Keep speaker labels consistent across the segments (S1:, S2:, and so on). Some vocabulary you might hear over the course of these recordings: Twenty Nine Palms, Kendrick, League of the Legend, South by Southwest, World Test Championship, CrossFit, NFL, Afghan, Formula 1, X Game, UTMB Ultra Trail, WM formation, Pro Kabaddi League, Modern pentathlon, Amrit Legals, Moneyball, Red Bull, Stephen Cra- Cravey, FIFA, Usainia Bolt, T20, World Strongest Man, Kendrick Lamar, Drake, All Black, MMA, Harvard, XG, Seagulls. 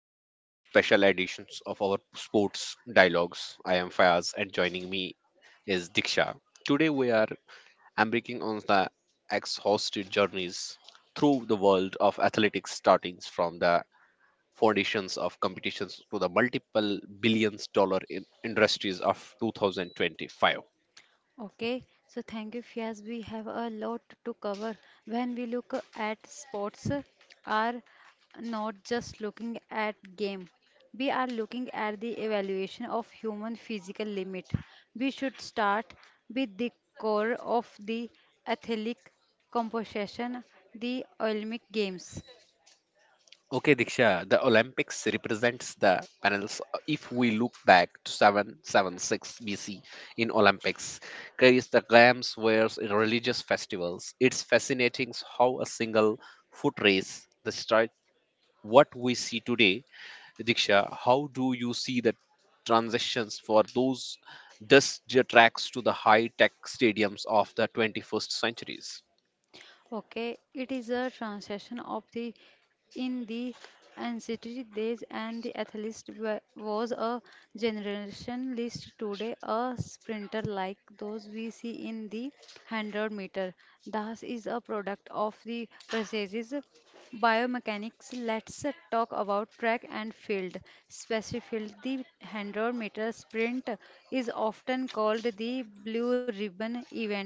S1: Welcome to special editions of our sports dialogues. I am Fayaz and joining me is Diksha. Today we are embarking on the exhausted journeys through the world of athletics starting from the foundations of competitions to the multiple billions dollar in industries of 2025.
S2: Okay, so thank you, Fias. We have a lot to cover. When we look at sports, are not just looking at game. We are looking at the evaluation of human physical limit. We should start with the core of the athletic composition, the Olympic Games.
S1: Okay, Diksha, the Olympics represents the panels. If we look back to 776 BC in Olympics, carries the games were religious festivals. It's fascinating how a single foot race, the start, what we see today. Diksha, how do you see the transitions for those dust tracks to the high-tech stadiums of the 21st centuries?
S2: Okay, it is a translation of the in the ancient days and the athlete was a generation list today a sprinter like those we see in the 100 meter. Das is a product of the processes biomechanics. Let's talk about track and field. Specifically, the 100-meter sprint is often called the blue ribbon event.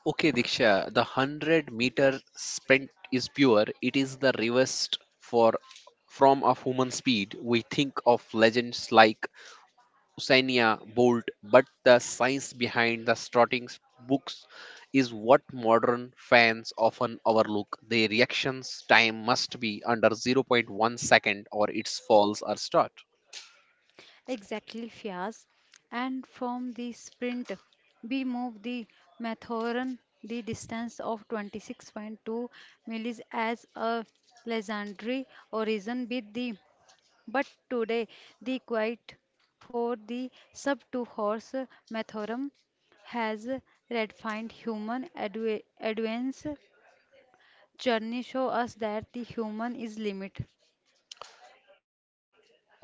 S1: Okay, Diksha, the 100-meter sprint is pure. It is the reversed for from of human speed. We think of legends like Usainia Bolt, but the science behind the starting books is what modern fans often overlook. The reactions time must be under 0. 0.1 second or its falls are start.
S2: Exactly, Fias. And from the sprint, we move the Mathurin the distance of 26.2 miles as a legendary origin with the but today the quiet for the sub two horse Mathurin has redefined human advance journey show us that the human is limit.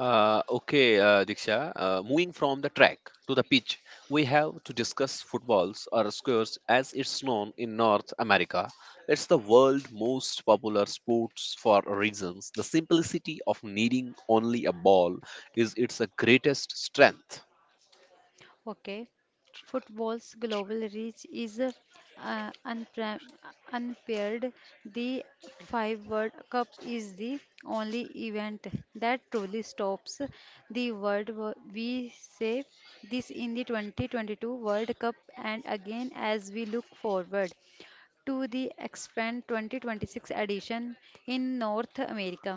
S1: Okay, Diksha, moving from the track to the pitch, we have to discuss footballs or squares as it's known in North America. It's the world's most popular sports for reasons. The simplicity of needing only a ball is its greatest strength.
S2: Okay, football's global reach is unpaired. The Five World Cup is the only event that truly stops the world. We say this in the 2022 World Cup, and again as we look forward to the expand 2026 edition in North America.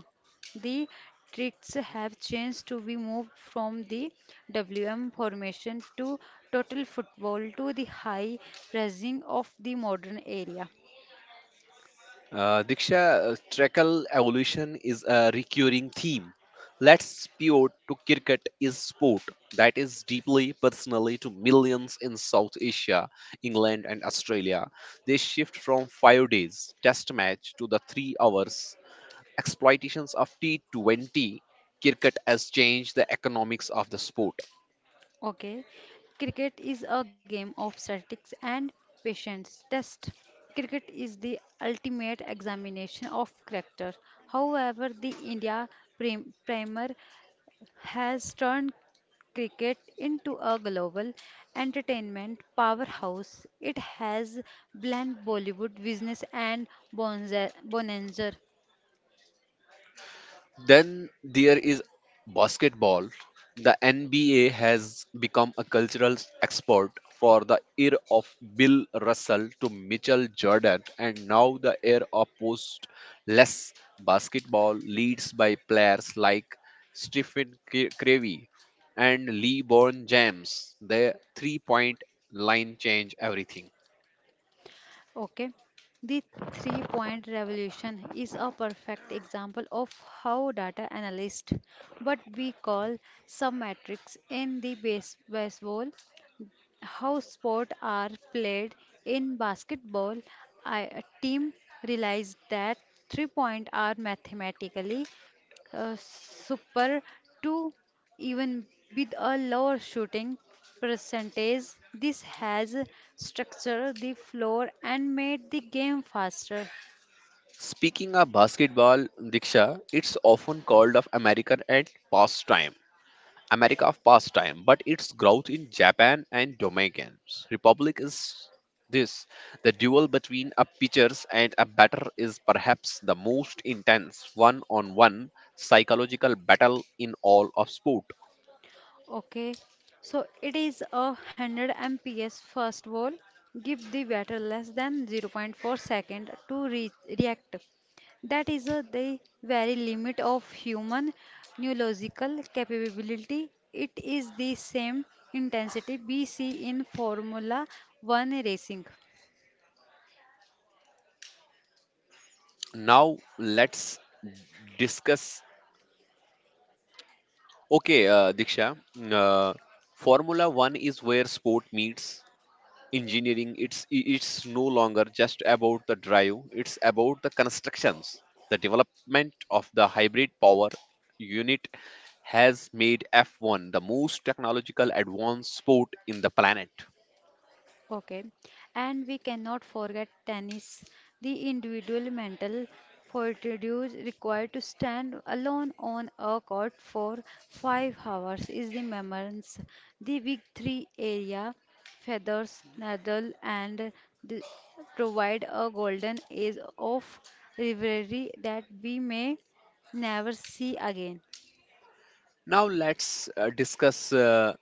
S2: The tricks have changed to be moved from the WM formation to total football to the high pressing of the modern area.
S1: Diksha, Trekal evolution is a recurring theme. Let's pivot to cricket is sport that is deeply personally to millions in South Asia, England and Australia. They shift from 5 days test match to the 3 hours exploitations of T20 cricket has changed the economics of the sport.
S2: Okay, cricket is a game of statistics and patience test. Cricket is the ultimate examination of character. However, the India primer has turned cricket into a global entertainment powerhouse. It has blended Bollywood business and bonanza.
S1: Then there is basketball. The NBA has become a cultural export for the era of Bill Russell to Mitchell Jordan, and now the era of postless basketball leads by players like Stephen Cravey and LeBron James. The 3 point line change everything.
S2: Okay, the 3-point revolution is a perfect example of how data analysts, what we call submetrics in the baseball, how sports are played in basketball, I, a team realized that 3-point are mathematically super to even with a lower shooting percentage. This has structured the floor and made the game faster.
S1: Speaking of basketball, Diksha, it's often called of American at pastime America of pastime, but its growth in Japan and Dominican Republic is this. The duel between a pitchers and a batter is perhaps the most intense one-on-one psychological battle in all of sport.
S2: Okay, so it is a 100 MPS first of all, give the batter less than 0. 0.4 second to re react. That is the very limit of human neurological capability. It is the same intensity we see in Formula 1 racing.
S1: Now let's discuss. Okay, Diksha, uh, Formula One is where sport meets engineering. It's no longer just about the drive. It's about the constructions, the development of the hybrid power unit has made F1 the most technological advanced sport in the planet.
S2: Okay, and we cannot forget tennis, the individual mental fortitude required to stand alone on a court for 5 hours is the memorance. The big three area, feathers, Nadal, and the, provide a golden age of rivalry that we may never see again.
S1: Now let's discuss,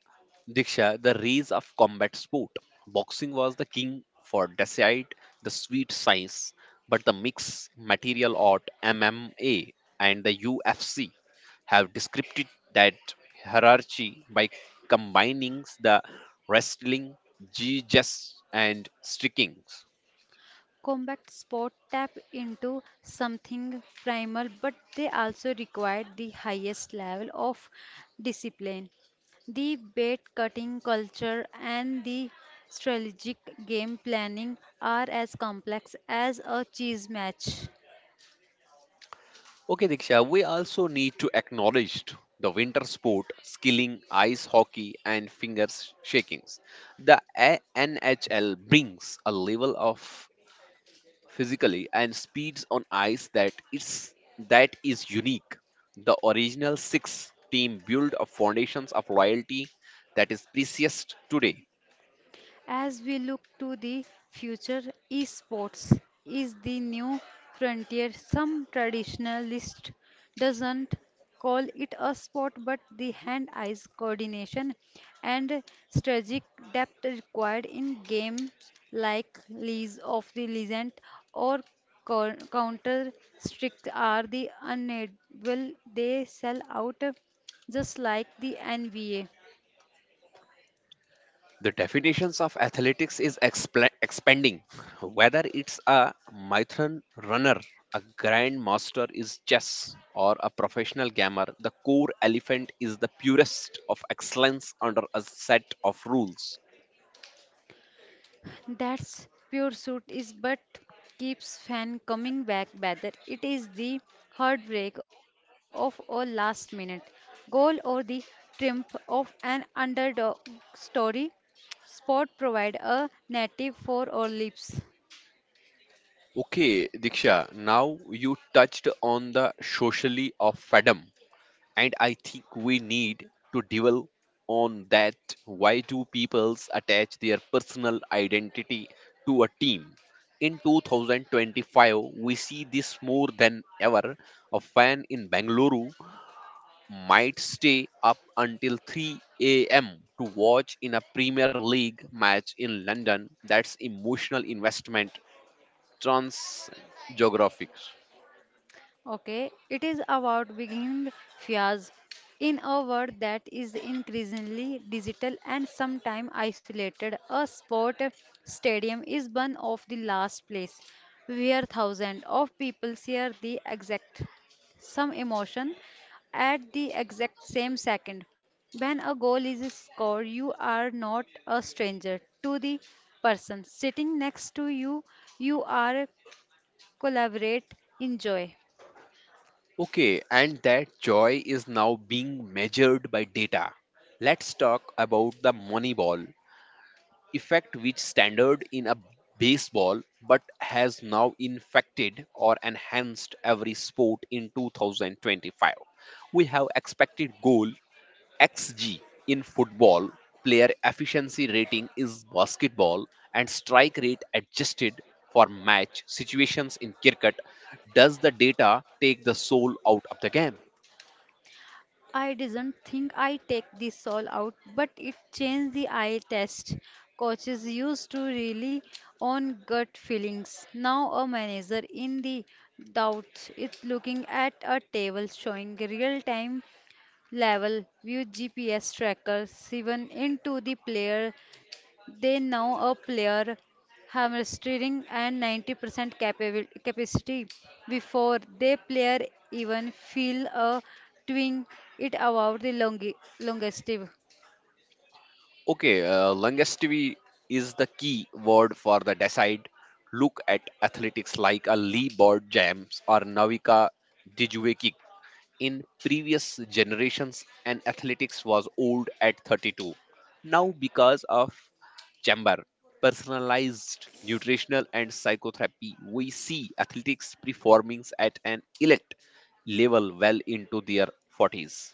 S1: Diksha, the rise of combat sport. Boxing was the king for decide the sweet science, but the mixed material art MMA and the UFC have described that hierarchy by combining the wrestling, jiu-jitsu and striking.
S2: Combat sport tap into something primal, but they also require the highest level of discipline. The bait cutting culture and the strategic game planning are as complex as a cheese match.
S1: Okay, Diksha, we also need to acknowledge the winter sport, skilling, ice hockey, and finger shakings. The NHL brings a level of physically and speeds on ice that is unique. The original six team built a foundations of loyalty that is precious today.
S2: As we look to the future, esports is the new frontier. Some traditionalist doesn't call it a sport, but the hand-eye coordination and strategic depth required in games like League of the Legend or Counter Strike are the unable they sell out just like the NBA.
S1: The definitions of athletics is expla expanding, whether it's a marathon runner, a grandmaster is chess or a professional gamer, the core elephant is the purest of excellence under a set of rules.
S2: That's pure suit is but keeps fan coming back whether it is the heartbreak of a last minute goal or the triumph of an underdog story. Sport provide a native for our lips.
S1: Okay, Diksha, now you touched on the socially of fandom and I think we need to dwell on that. Why do peoples attach their personal identity to a team? In 2025, we see this more than ever. A fan in Bengaluru might stay up until 3 a.m. to watch in a premier league match in London. That's emotional investment trans geographics.
S2: Okay, it is about being fears in a world that is increasingly digital and sometimes isolated. A sport stadium is one of the last place where thousands of people share the exact some emotion at the exact same second. When a goal is scored, you are not a stranger to the person sitting next to you. You are collaborate, enjoy.
S1: Okay, and that joy is now being measured by data. Let's talk about the Moneyball effect, which standard in a baseball but has now infected or enhanced every sport in 2025. We have expected goal XG in football, player efficiency rating is basketball, and strike rate adjusted for match situations in cricket. Does the data take the soul out of the game?
S2: I didn't think I take the soul out, but it changed the eye test. Coaches used to really on gut feelings. Now a manager in the doubt is looking at a table showing real time level view GPS trackers even into the player they now a player hamstring and 90% capacity before they player even feel a twinge it about the longevity.
S1: Okay, longevity is the key word for the decide. Look at athletics like a Lee Board Jams or Navika Dijueki. In previous generations, an athletics was old at 32. Now, because of chamber, personalized nutritional and psychotherapy, we see athletics performance at an elite level well into their 40s.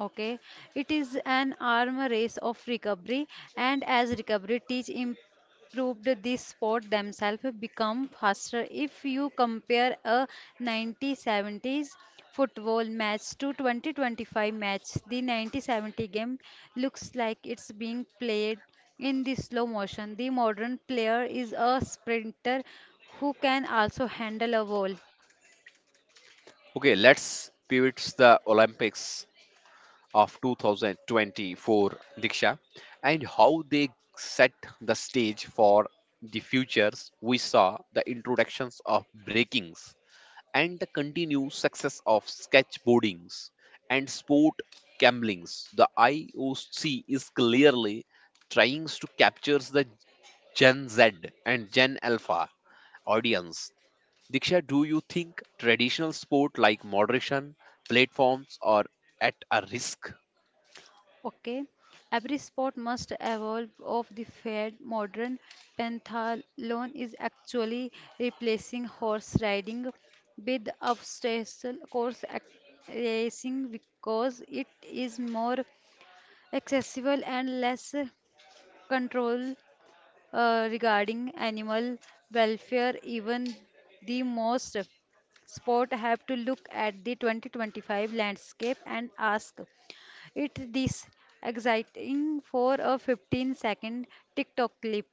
S2: Okay, it is an arm race of recovery, and as recovery teach improved this sport themselves become faster. If you compare a 1970s football match to 2025 match, the 1970 game looks like it's being played in the slow motion. The modern player is a sprinter who can also handle a ball.
S1: Okay, let's pivot to the Olympics of 2024, Diksha, and how they set the stage for the futures. We saw the introductions of breakings and the continued success of sketchboardings and sport gamblings. The IOC is clearly trying to capture the Gen Z and Gen Alpha audience. Diksha, do you think traditional sport like moderation platforms are at a risk?
S2: Okay, every sport must evolve of the fad. Modern pentathlon is actually replacing horse riding with obstacle course racing because it is more accessible and less control regarding animal welfare. Even the most sport have to look at the 2025 landscape and ask. It's this exciting for a 15-second TikTok clip.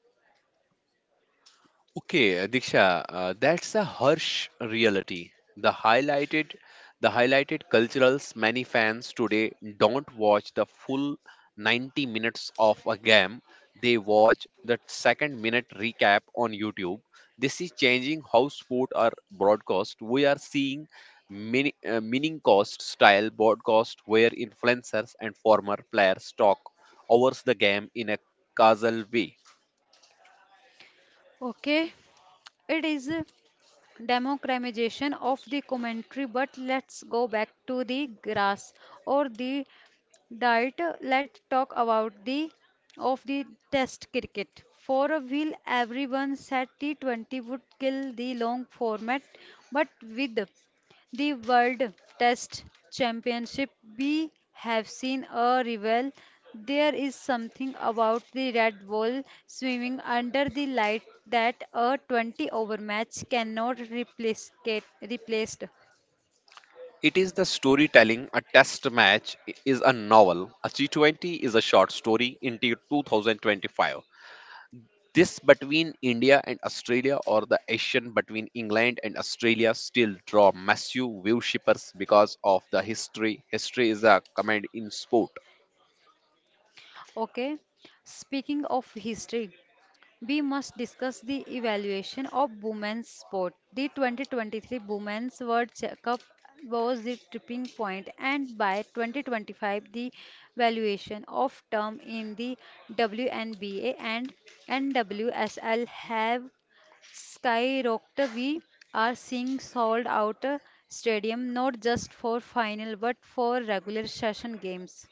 S1: Okay, Diksha, that's a harsh reality. The highlighted, the highlighted culturals many fans today don't watch the full 90 minutes of a game. They watch the second minute recap on YouTube. This is changing how sport are broadcast. We are seeing mini, meaning cost style broadcast where influencers and former players talk over the game in a casual way.
S2: Okay, it is a democratization of the commentary, but let's go back to the grass or the diet. Let's talk about the of the test cricket. For a while, everyone said T20 would kill the long format, but with the World Test Championship, we have seen a rival. There is something about the Red Bull swimming under the light that a 20 over match cannot replicate replaced.
S1: It is the storytelling. A test match is a novel. A T20 is a short story into 2025. This between India and Australia or the Asian between England and Australia still draw massive viewshippers because of the history. History is a command in sport.
S2: Okay. Speaking of history, we must discuss the evaluation of women's sport. The 2023 Women's World Cup was the tipping point, and by 2025, the valuation of term in the WNBA and NWSL have skyrocketed. We are seeing sold out stadium not just for final but for regular session games.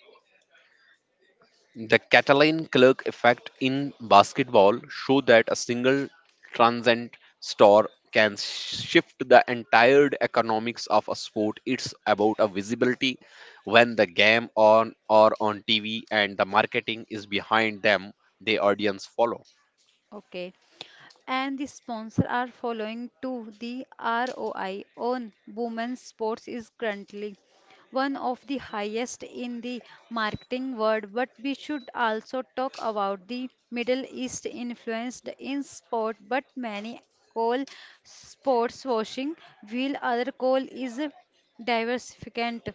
S1: The Catalan clerk effect in basketball show that a single transient store can shift the entire economics of a sport. It's about a visibility when the game on or on TV and the marketing is behind them, the audience follow.
S2: Okay, and the sponsor are following too. The ROI on women's sports is currently one of the highest in the marketing world, but we should also talk about the Middle East influenced in sport, but many call sports washing, while other call is diversificant.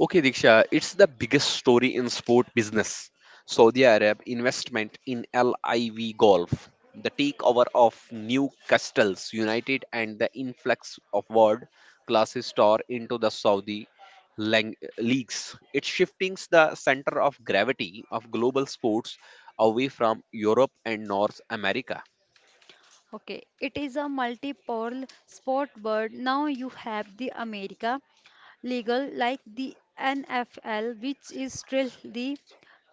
S1: Okay, Diksha, it's the biggest story in sport business. Saudi Arab investment in LIV Golf, the takeover of Newcastle's United, and the influx of world class star into the Saudi leagues. It shifting the center of gravity of global sports away from Europe and North America.
S2: Okay, it is a multi-pole sport bird. Now you have the America legal like the NFL, which is still the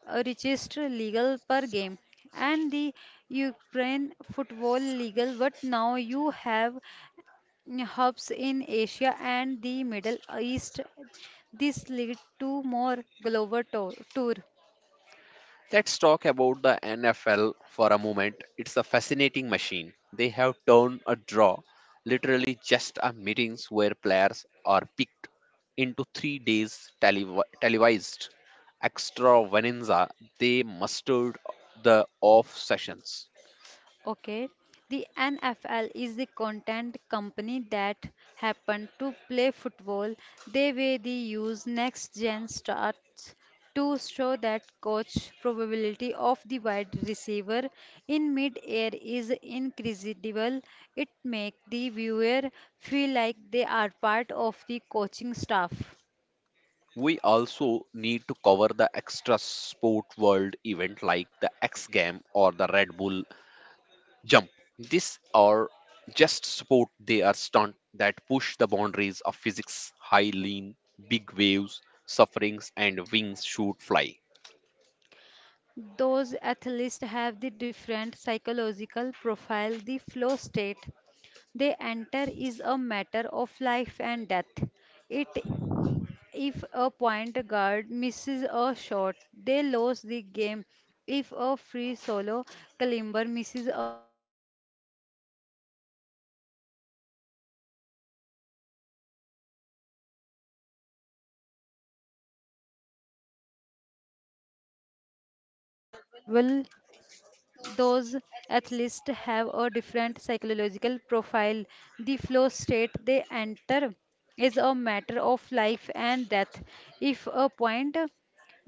S2: richest legal per game, and the Ukraine football legal. But now you have hubs in Asia and the Middle East. This lead to more global tour.
S1: Let's talk about the NFL for a moment. It's a fascinating machine. They have turned a draw, literally just a meetings where players are picked, into 3 days televised extravaganza they mustered the off sessions.
S2: Okay, the NFL is the content company that happened to play football. They were the use next gen starts to show that coach probability of the wide receiver in mid-air is incredible. It makes the viewer feel like they are part of the coaching staff.
S1: We also need to cover the extra sport world event like the X Game or the Red Bull jump. These are just sport. They are stunt that push the boundaries of physics. High lean, big waves, sufferings, and wings shoot fly.
S2: Those athletes have the different psychological profile, the flow state they enter is a matter of life and death. It if a point guard misses a shot, they lose the game. If a free solo climber misses a grip, they lose their life. They shake are incomparable incomparable those athletes have a different psychological profile. The flow state they enter is a matter of life and death. If a point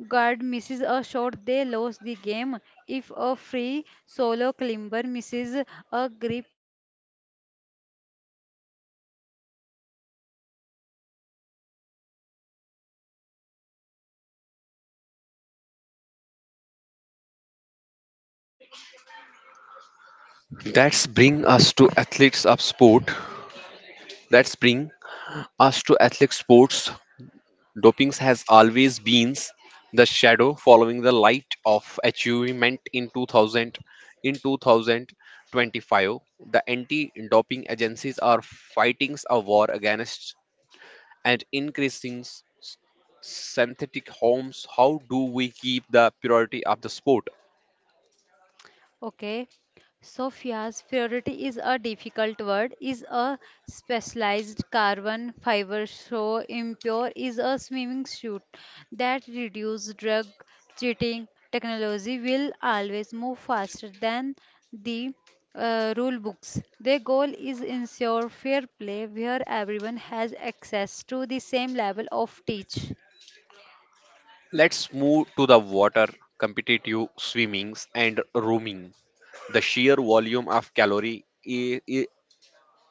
S2: guard misses a shot, they lose the game. If a free solo climber misses a grip, they lose their life. These stakes are incompletable. incompletable.
S1: That's bring us to athletes of sport. That's bring us to athletic sports. Doping has always been the shadow following the light of achievement in 2000. In 2025, the anti-doping agencies are fighting a war against and increasing synthetic homes. How do we keep the purity of the sport?
S2: Okay. Sophia's priority is a difficult word, is a specialized carbon fiber so impure is a swimming suit that reduce drug cheating. Technology will always move faster than the rule books. Their goal is ensure fair play where everyone has access to the same level of teach.
S1: Let's move to the water, competitive swimmings, and roaming. The sheer volume of calorie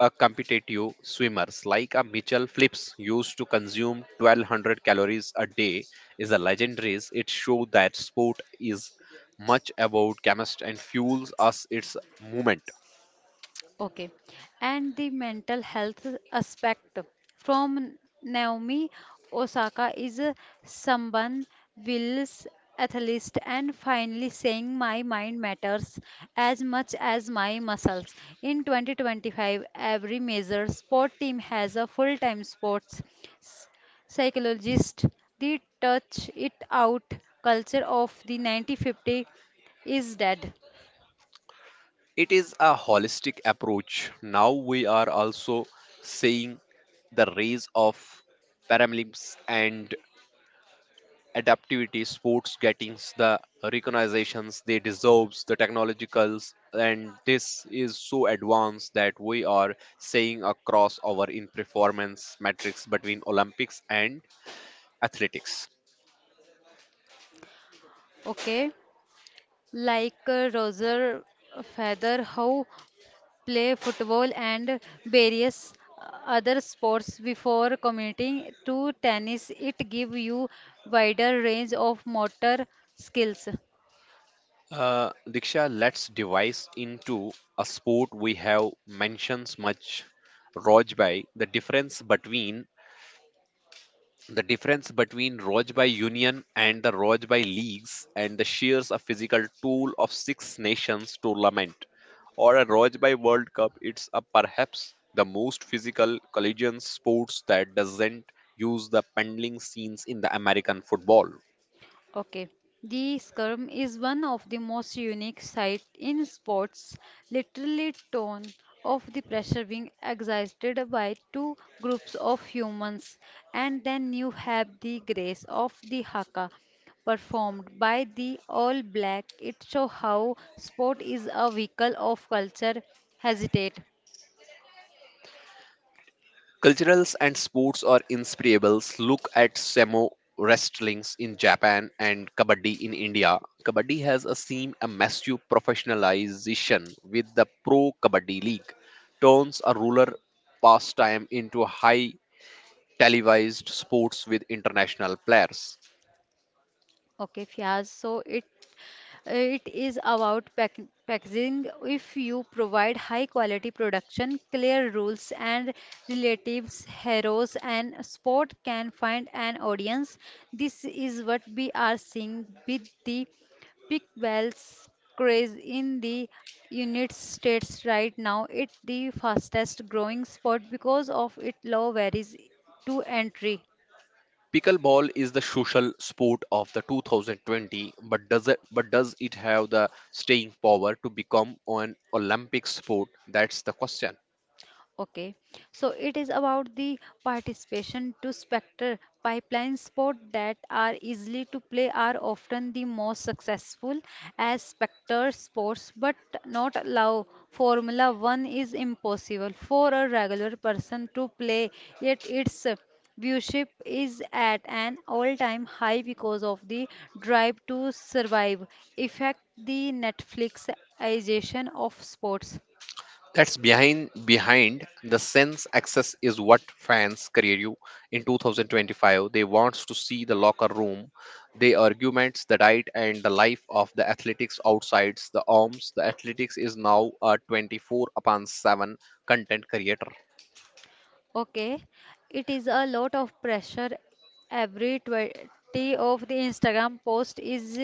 S1: a competitive swimmers like a Mitchell Phillips used to consume 1200 calories a day is a legendary. It shows that sport is much about chemistry and fuels us its movement.
S2: Okay. And the mental health aspect from Naomi Osaka is someone wills athlete and finally saying my mind matters as much as my muscles. In 2025, every major sport team has a full-time sports s- psychologist. The touch it out culture of the 1950 is dead.
S1: It is a holistic approach. Now we are also seeing the rise of Paralympics and adaptivity sports getting the recognitions they deserves. The technologicals and this is so advanced that we are seeing a crossover in performance metrics between olympics and athletics.
S2: Okay, like Roger Federer, who play football and various other sports before committing to tennis. It give you wider range of motor skills.
S1: Diksha, let's devise into a sport we have mentions much, Rojbai, the difference between Rojbai Union and the Rojbai leagues and the shears a physical tool of Six Nations tournament or a Rojbai World Cup. It's a perhaps the most physical collision sports that doesn't use the pendling scenes in the American football.
S2: Okay. The Skirm is one of the most unique sight in sports. Literally, ton of the pressure being exerted by two groups of humans, and then you have the grace of the haka performed by the All Black. It shows how sport is a vehicle of culture. Hesitate.
S1: Culturals and sports are inspirables. Look at Samo wrestlings in Japan and Kabaddi in India. Kabaddi has a seen a massive professionalization with the Pro Kabaddi League. Turns a rural pastime into a high televised sports with international players.
S2: Okay, Fiaz. So it is about packaging. If you provide high quality production, clear rules and relatives, heroes and sport can find an audience. This is what we are seeing with the Big Wells craze in the United States right now. It's the fastest growing sport because of its low barriers to entry.
S1: Pickleball is the social sport of the 2020, but does it have the staying power to become an Olympic sport? That's the question.
S2: Okay, so it is about the participation to Spectre pipeline sport that are easily to play are often the most successful as Spectre sports, but not allow Formula One is impossible for a regular person to play, yet its viewership is at an all-time high because of the drive to survive effect, the Netflixization of sports.
S1: That's behind the sense access is what fans create you in 2025. They wants to see the locker room, the arguments, the diet, and the life of the athletics outsides the arms. The athletics is now a 24 upon 7 content creator.
S2: Okay, it is a lot of pressure. Every 20 of the Instagram post is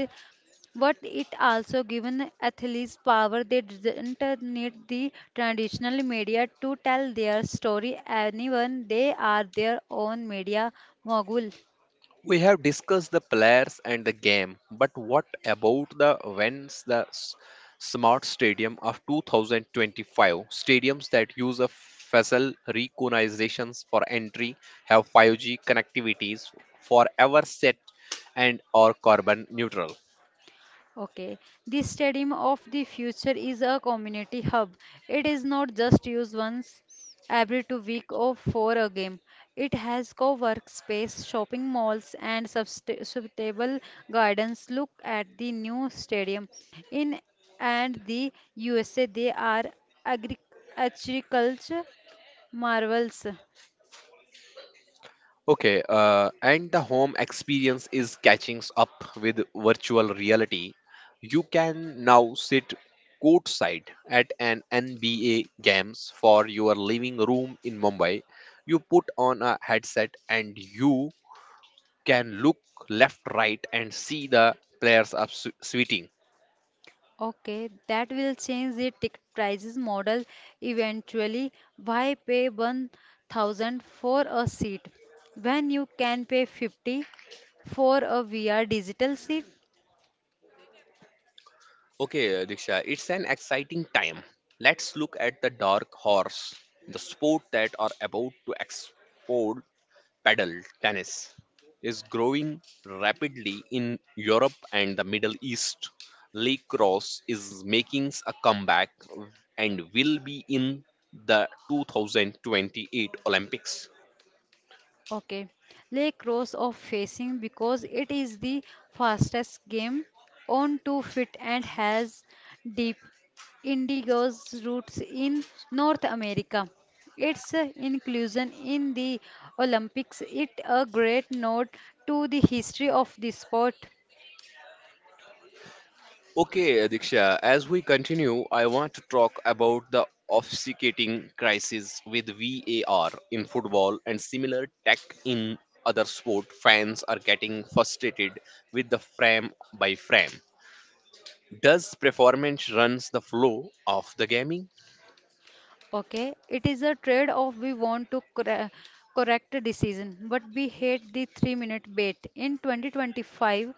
S2: but it also given athletes power they didn't need the traditional media to tell their story anyone they are their own media mogul.
S1: We have discussed the players and the game, but what about the events, the smart stadium of 2025? Stadiums that use a facial recognitions for entry have 5G connectivities forever set and are carbon neutral.
S2: Okay, the stadium of the future is a community hub. It is not just used once every 2 weeks or for a game. It has co-work space, shopping malls, and suitable gardens. Look at the new stadium in and the USA. They are agri- agriculture marvels.
S1: Okay, and the home experience is catching up with virtual reality. You can now sit courtside at an NBA games for your living room in Mumbai. You put on a headset and you can look left, right, and see the players up sweating.
S2: Okay, that will change the ticket prices model eventually. Why pay 1000 for a seat when you can pay 50 for a VR digital seat?
S1: Okay, Diksha, it's an exciting time. Let's look at the dark horse, the sport that are about to explode. Paddle tennis is growing rapidly in Europe and the Middle East. Lacrosse is making a comeback and will be in the 2028 Olympics.
S2: Okay, Lake Rose of Facing because it is the fastest game on 2 feet and has deep indigo's roots in North America. Its inclusion in the Olympics is a great note to the history of the sport.
S1: Okay, Diksha, as we continue, I want to talk about the officiating crisis with VAR in football and similar tech in other sport. Fans are getting frustrated with the frame by frame. Does performance runs the flow of the gaming?
S2: Okay, it is a trade-off. We want to correct the decision, but we hate the three-minute bait. In 2025,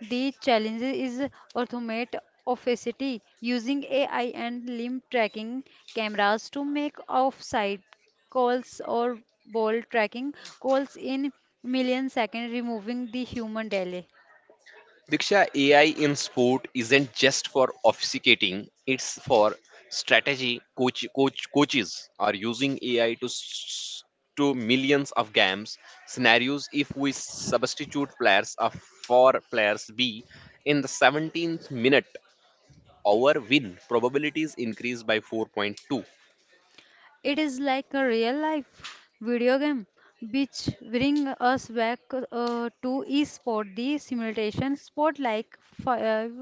S2: the challenge is automate opacity using AI and limb tracking cameras to make off-site calls or ball tracking calls in millisecond, removing the human delay.
S1: Diksha, AI in sport isn't just for obfuscating, it's for strategy. Coaches are using AI to to millions of games scenarios. If we substitute players A for players B in the 17th minute, our win probabilities increase by 4.2.
S2: It is like a real life video game, which bring us back to esport. The simulation sport like Five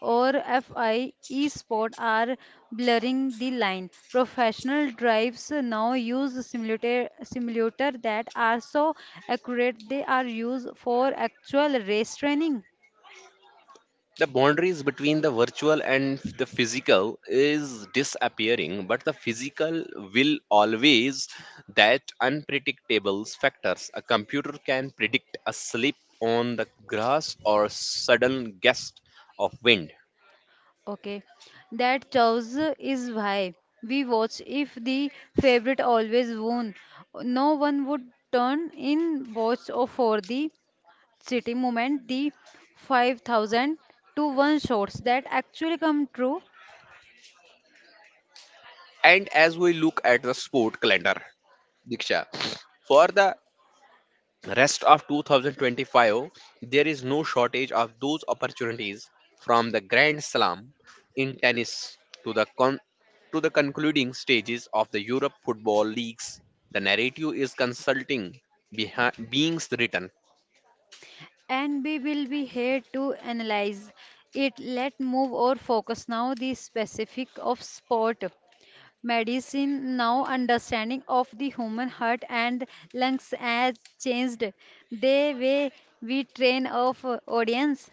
S2: or FI esport are blurring the line. Professional drives now use simulator that are so accurate they are used for actual race training.
S1: The boundaries between the virtual and the physical is disappearing, but the physical will always that unpredictable factors a computer can predict a slip on the grass or sudden gust of wind.
S2: Okay, that choice is why we watch. If the favorite always won, no one would turn in watch or for the city moment. The 5,000 to 1 shots that actually come true,
S1: And as we look at the sport calendar, diksha, for the rest of 2025, there is no shortage of those opportunities, from the grand slam in tennis to to the concluding stages of the europe football leagues. The narrative is consulting beings written.
S2: and we will be here to analyze it. Let move or focus now the specific of sport medicine now understanding of the human heart and lungs has changed the way we train our audience.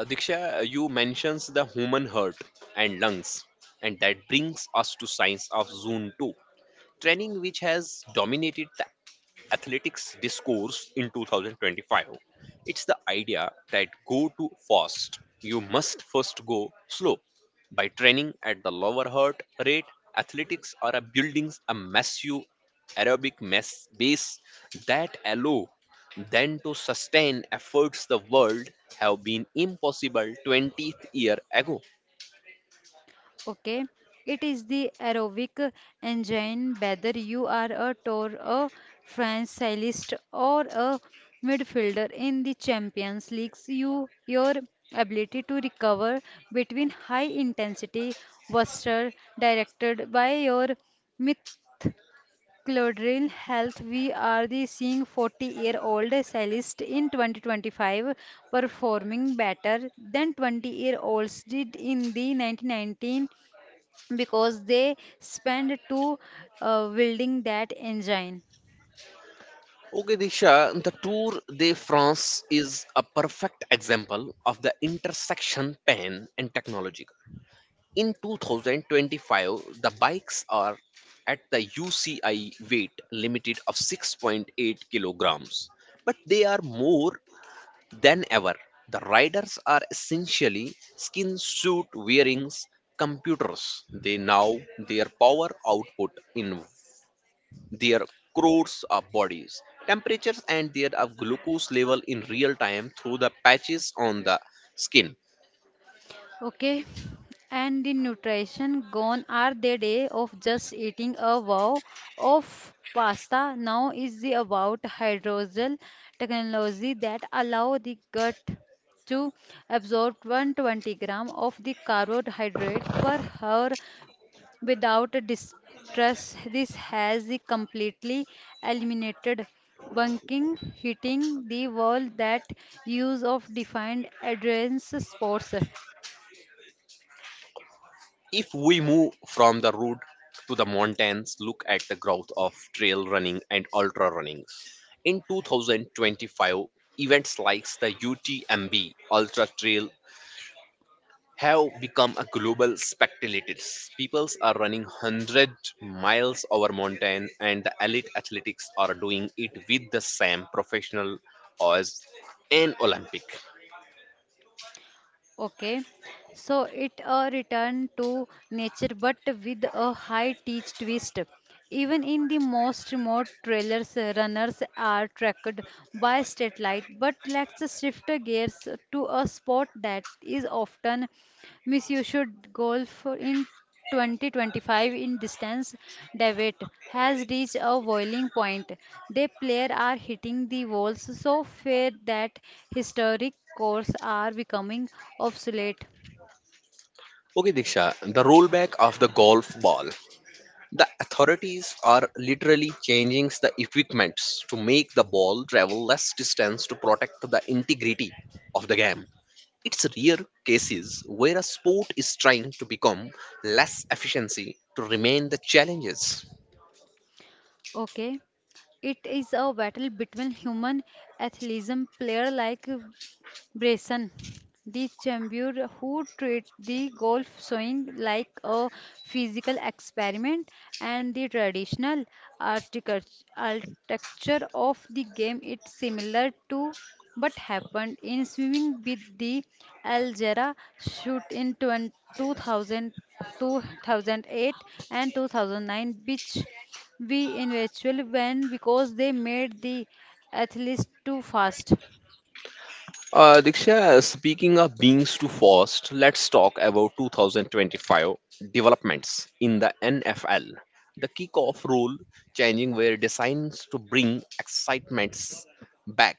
S1: Diksha, you mentions the human heart and lungs, and that brings us to science of zone 2 training, which has dominated the athletics discourse in 2025. It's the idea that go too fast, you must first go slow. By training at the lower heart rate, athletics are a buildings a massive aerobic mass base that allow then to sustain efforts the world have been impossible 20th year ago.
S2: Okay, it is the aerobic engine. Whether you are a tour, a franchisist, or a midfielder in the champions leagues, you your ability to recover between high intensity was directed by your myth Clodril Health. We are the seeing 40-year-old cellist in 2025 performing better than 20 year olds did in the 1919 because they spent two building that engine.
S1: Okay, Disha, the Tour de France is a perfect example of the intersection pain and technology. In 2025, the bikes are at the UCI weight limited of 6.8 kilograms, but they are more than ever. The riders are essentially skin suit wearing computers. They now their power output in their crores of bodies, temperatures, and their of glucose level in real time through the patches on the skin.
S2: Okay, and in nutrition, gone are the day of just eating a wow of pasta. Now is the about hydrogel technology that allow the gut to absorb 120 gram of the carbohydrate per hour without distress. This has the completely eliminated bunking, hitting the wall that use of defined adherence sports.
S1: If we move from the road to the mountains, look at the growth of trail running and ultra running. In 2025, events like the UTMB Ultra Trail have become a global spectators. People are running 100 miles over mountain and the elite athletics are doing it with the same professional as an Olympic.
S2: Okay, so it a return to nature but with a high teach twist. Even in the most remote trailers, runners are tracked by state light. But let's shift gears to a sport that is often Miss, you should goal for in 2025 in distance debate has reached a boiling point. They player are hitting the walls so fair that historic courses are becoming obsolete.
S1: Okay, Diksha, the rollback of the golf ball. The authorities are literally changing the equipments to make the ball travel less distance to protect the integrity of the game. It's rare cases where a sport is trying to become less efficiency to remain the challenges.
S2: Okay. It is a battle between human athleticism player like Bresson, the champion who treat the golf swing like a physical experiment, and the traditional architecture of the game is similar to what happened in swimming with the Algera shoot in 2000, 2008, and 2009, which we eventually won because they made the athletes too fast.
S1: Diksha, speaking of beings too fast, let's talk about 2025 developments in the NFL. The kickoff rule changing were designed to bring excitements back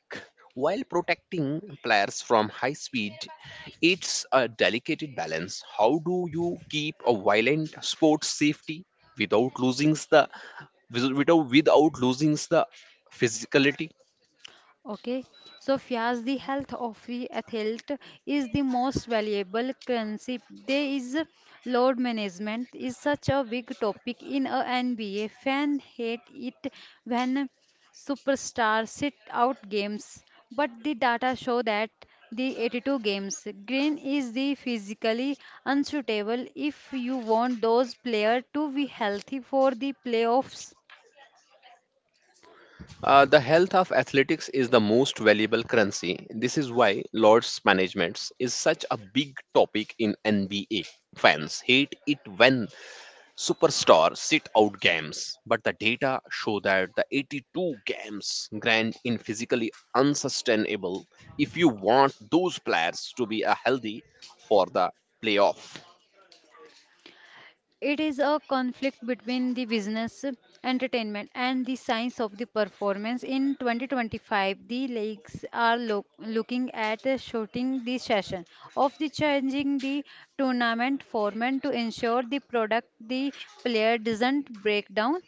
S1: while protecting players from high speed. It's a delicate balance. How do you keep a violent sports safety without losing the without losing the physicality?
S2: Okay, so Fias, the health of the athlete is the most valuable currency. There is load management is such a big topic in a NBA. Fan hate it when superstars sit out games, but the data show that the 82 games green is the physically unsuitable if you want those players to be healthy for the playoffs.
S1: The health of athletics is the most valuable currency. This is why Lord's management is such a big topic in NBA. Fans hate it when superstars sit out games, but the data show that the 82 games grand in physically unsustainable if you want those players to be a healthy for the playoff.
S2: It is a conflict between the business, entertainment, and the science of the performance. In 2025, the leagues are looking at shorting the session of the changing the tournament format to ensure the product the player doesn't break down.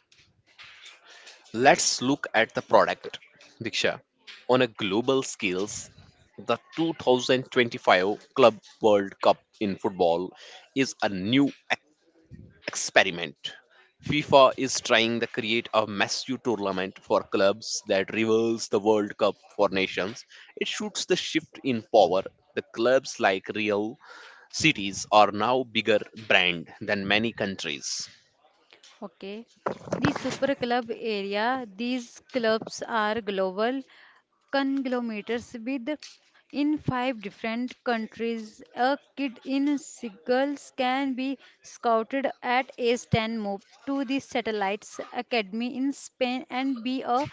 S1: Let's look at the product, Diksha. On a global scales, the 2025 Club World Cup in football is a new experiment. FIFA is trying to create a massive tournament for clubs that rivals the World Cup for nations. It shoots the shift in power. The clubs like Real Cities are now bigger brand than many countries.
S2: Okay. The super club area, these clubs are global conglomerates with in 5 different countries. A kid in Seagulls can be scouted at age 10, move to the Satellites Academy in Spain, and be a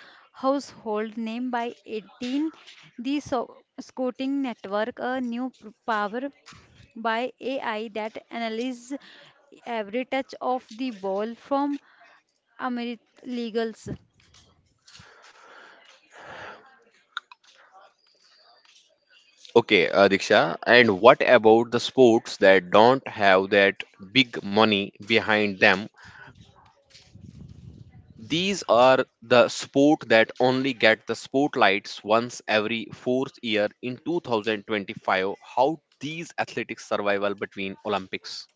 S2: household name by 18. The Scouting Network, a new power by AI that analyzes every touch of the ball from Amrit Legals.
S1: Okay, Diksha, and what about the sports that don't have that big money behind them? These are the sport that only get the spotlights once every fourth year in 2025. How these athletics survival between Olympics?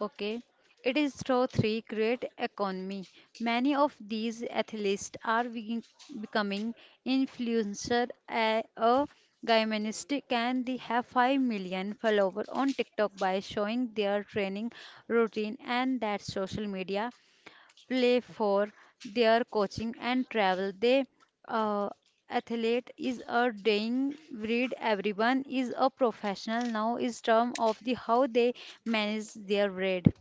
S2: Okay. It is through three create economy. Many of these athletes are becoming influencer a gymnastic and they have 5 million followers on TikTok by showing their training routine and that social media play for their coaching and travel. They uh, athlete is a dying breed. Everyone is a professional now. Is term of the how they manage their bread.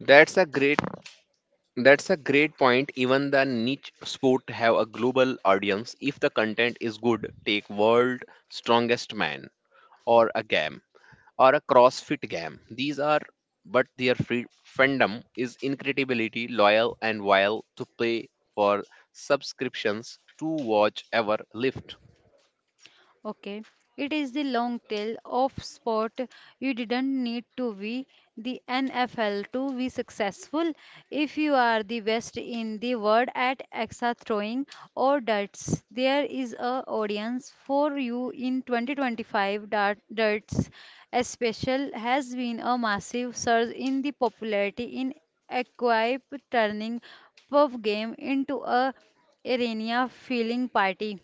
S1: That's a great that's a great point. Even the niche sport have a global audience if the content is good. Take World Strongest Man or a game. Or a CrossFit game. These are, but their free fandom is incredibility loyal and wild to pay for subscriptions to watch ever lift.
S2: Okay, it is the long tail of sport. You didn't need to be the NFL to be successful. If you are the best in the world at axa throwing or darts, there is a audience for you in 2025. Darts, especially, has been a massive surge in the popularity in equip turning pub game into a arena feeling party.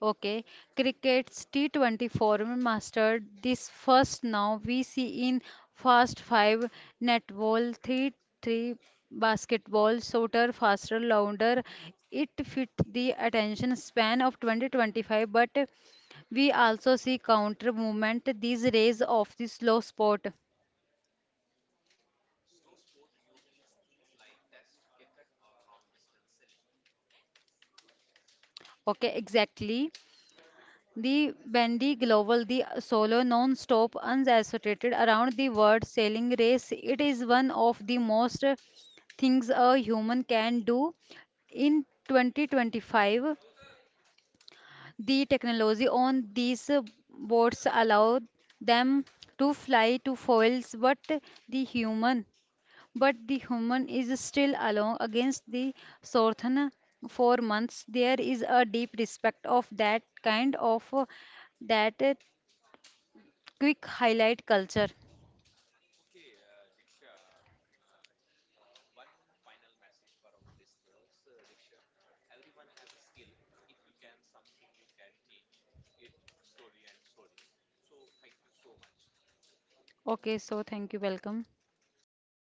S2: Okay, cricket's T20 format mastered this first. Now we see in fast five netball, three basketball, shorter, faster, louder. It fit the attention span of 2025, but we also see counter movement, these rays of the slow sport. Okay, exactly. The Bendy Global, the solo non-stop unassociated around the world sailing race, it is one of the most things a human can do. In 2025, the technology on these boats allowed them to fly to foils, but the human, but the human is still alone against the Sorthana for months. There is a deep respect of that kind of that quick highlight culture. Okay, so thank you. Welcome.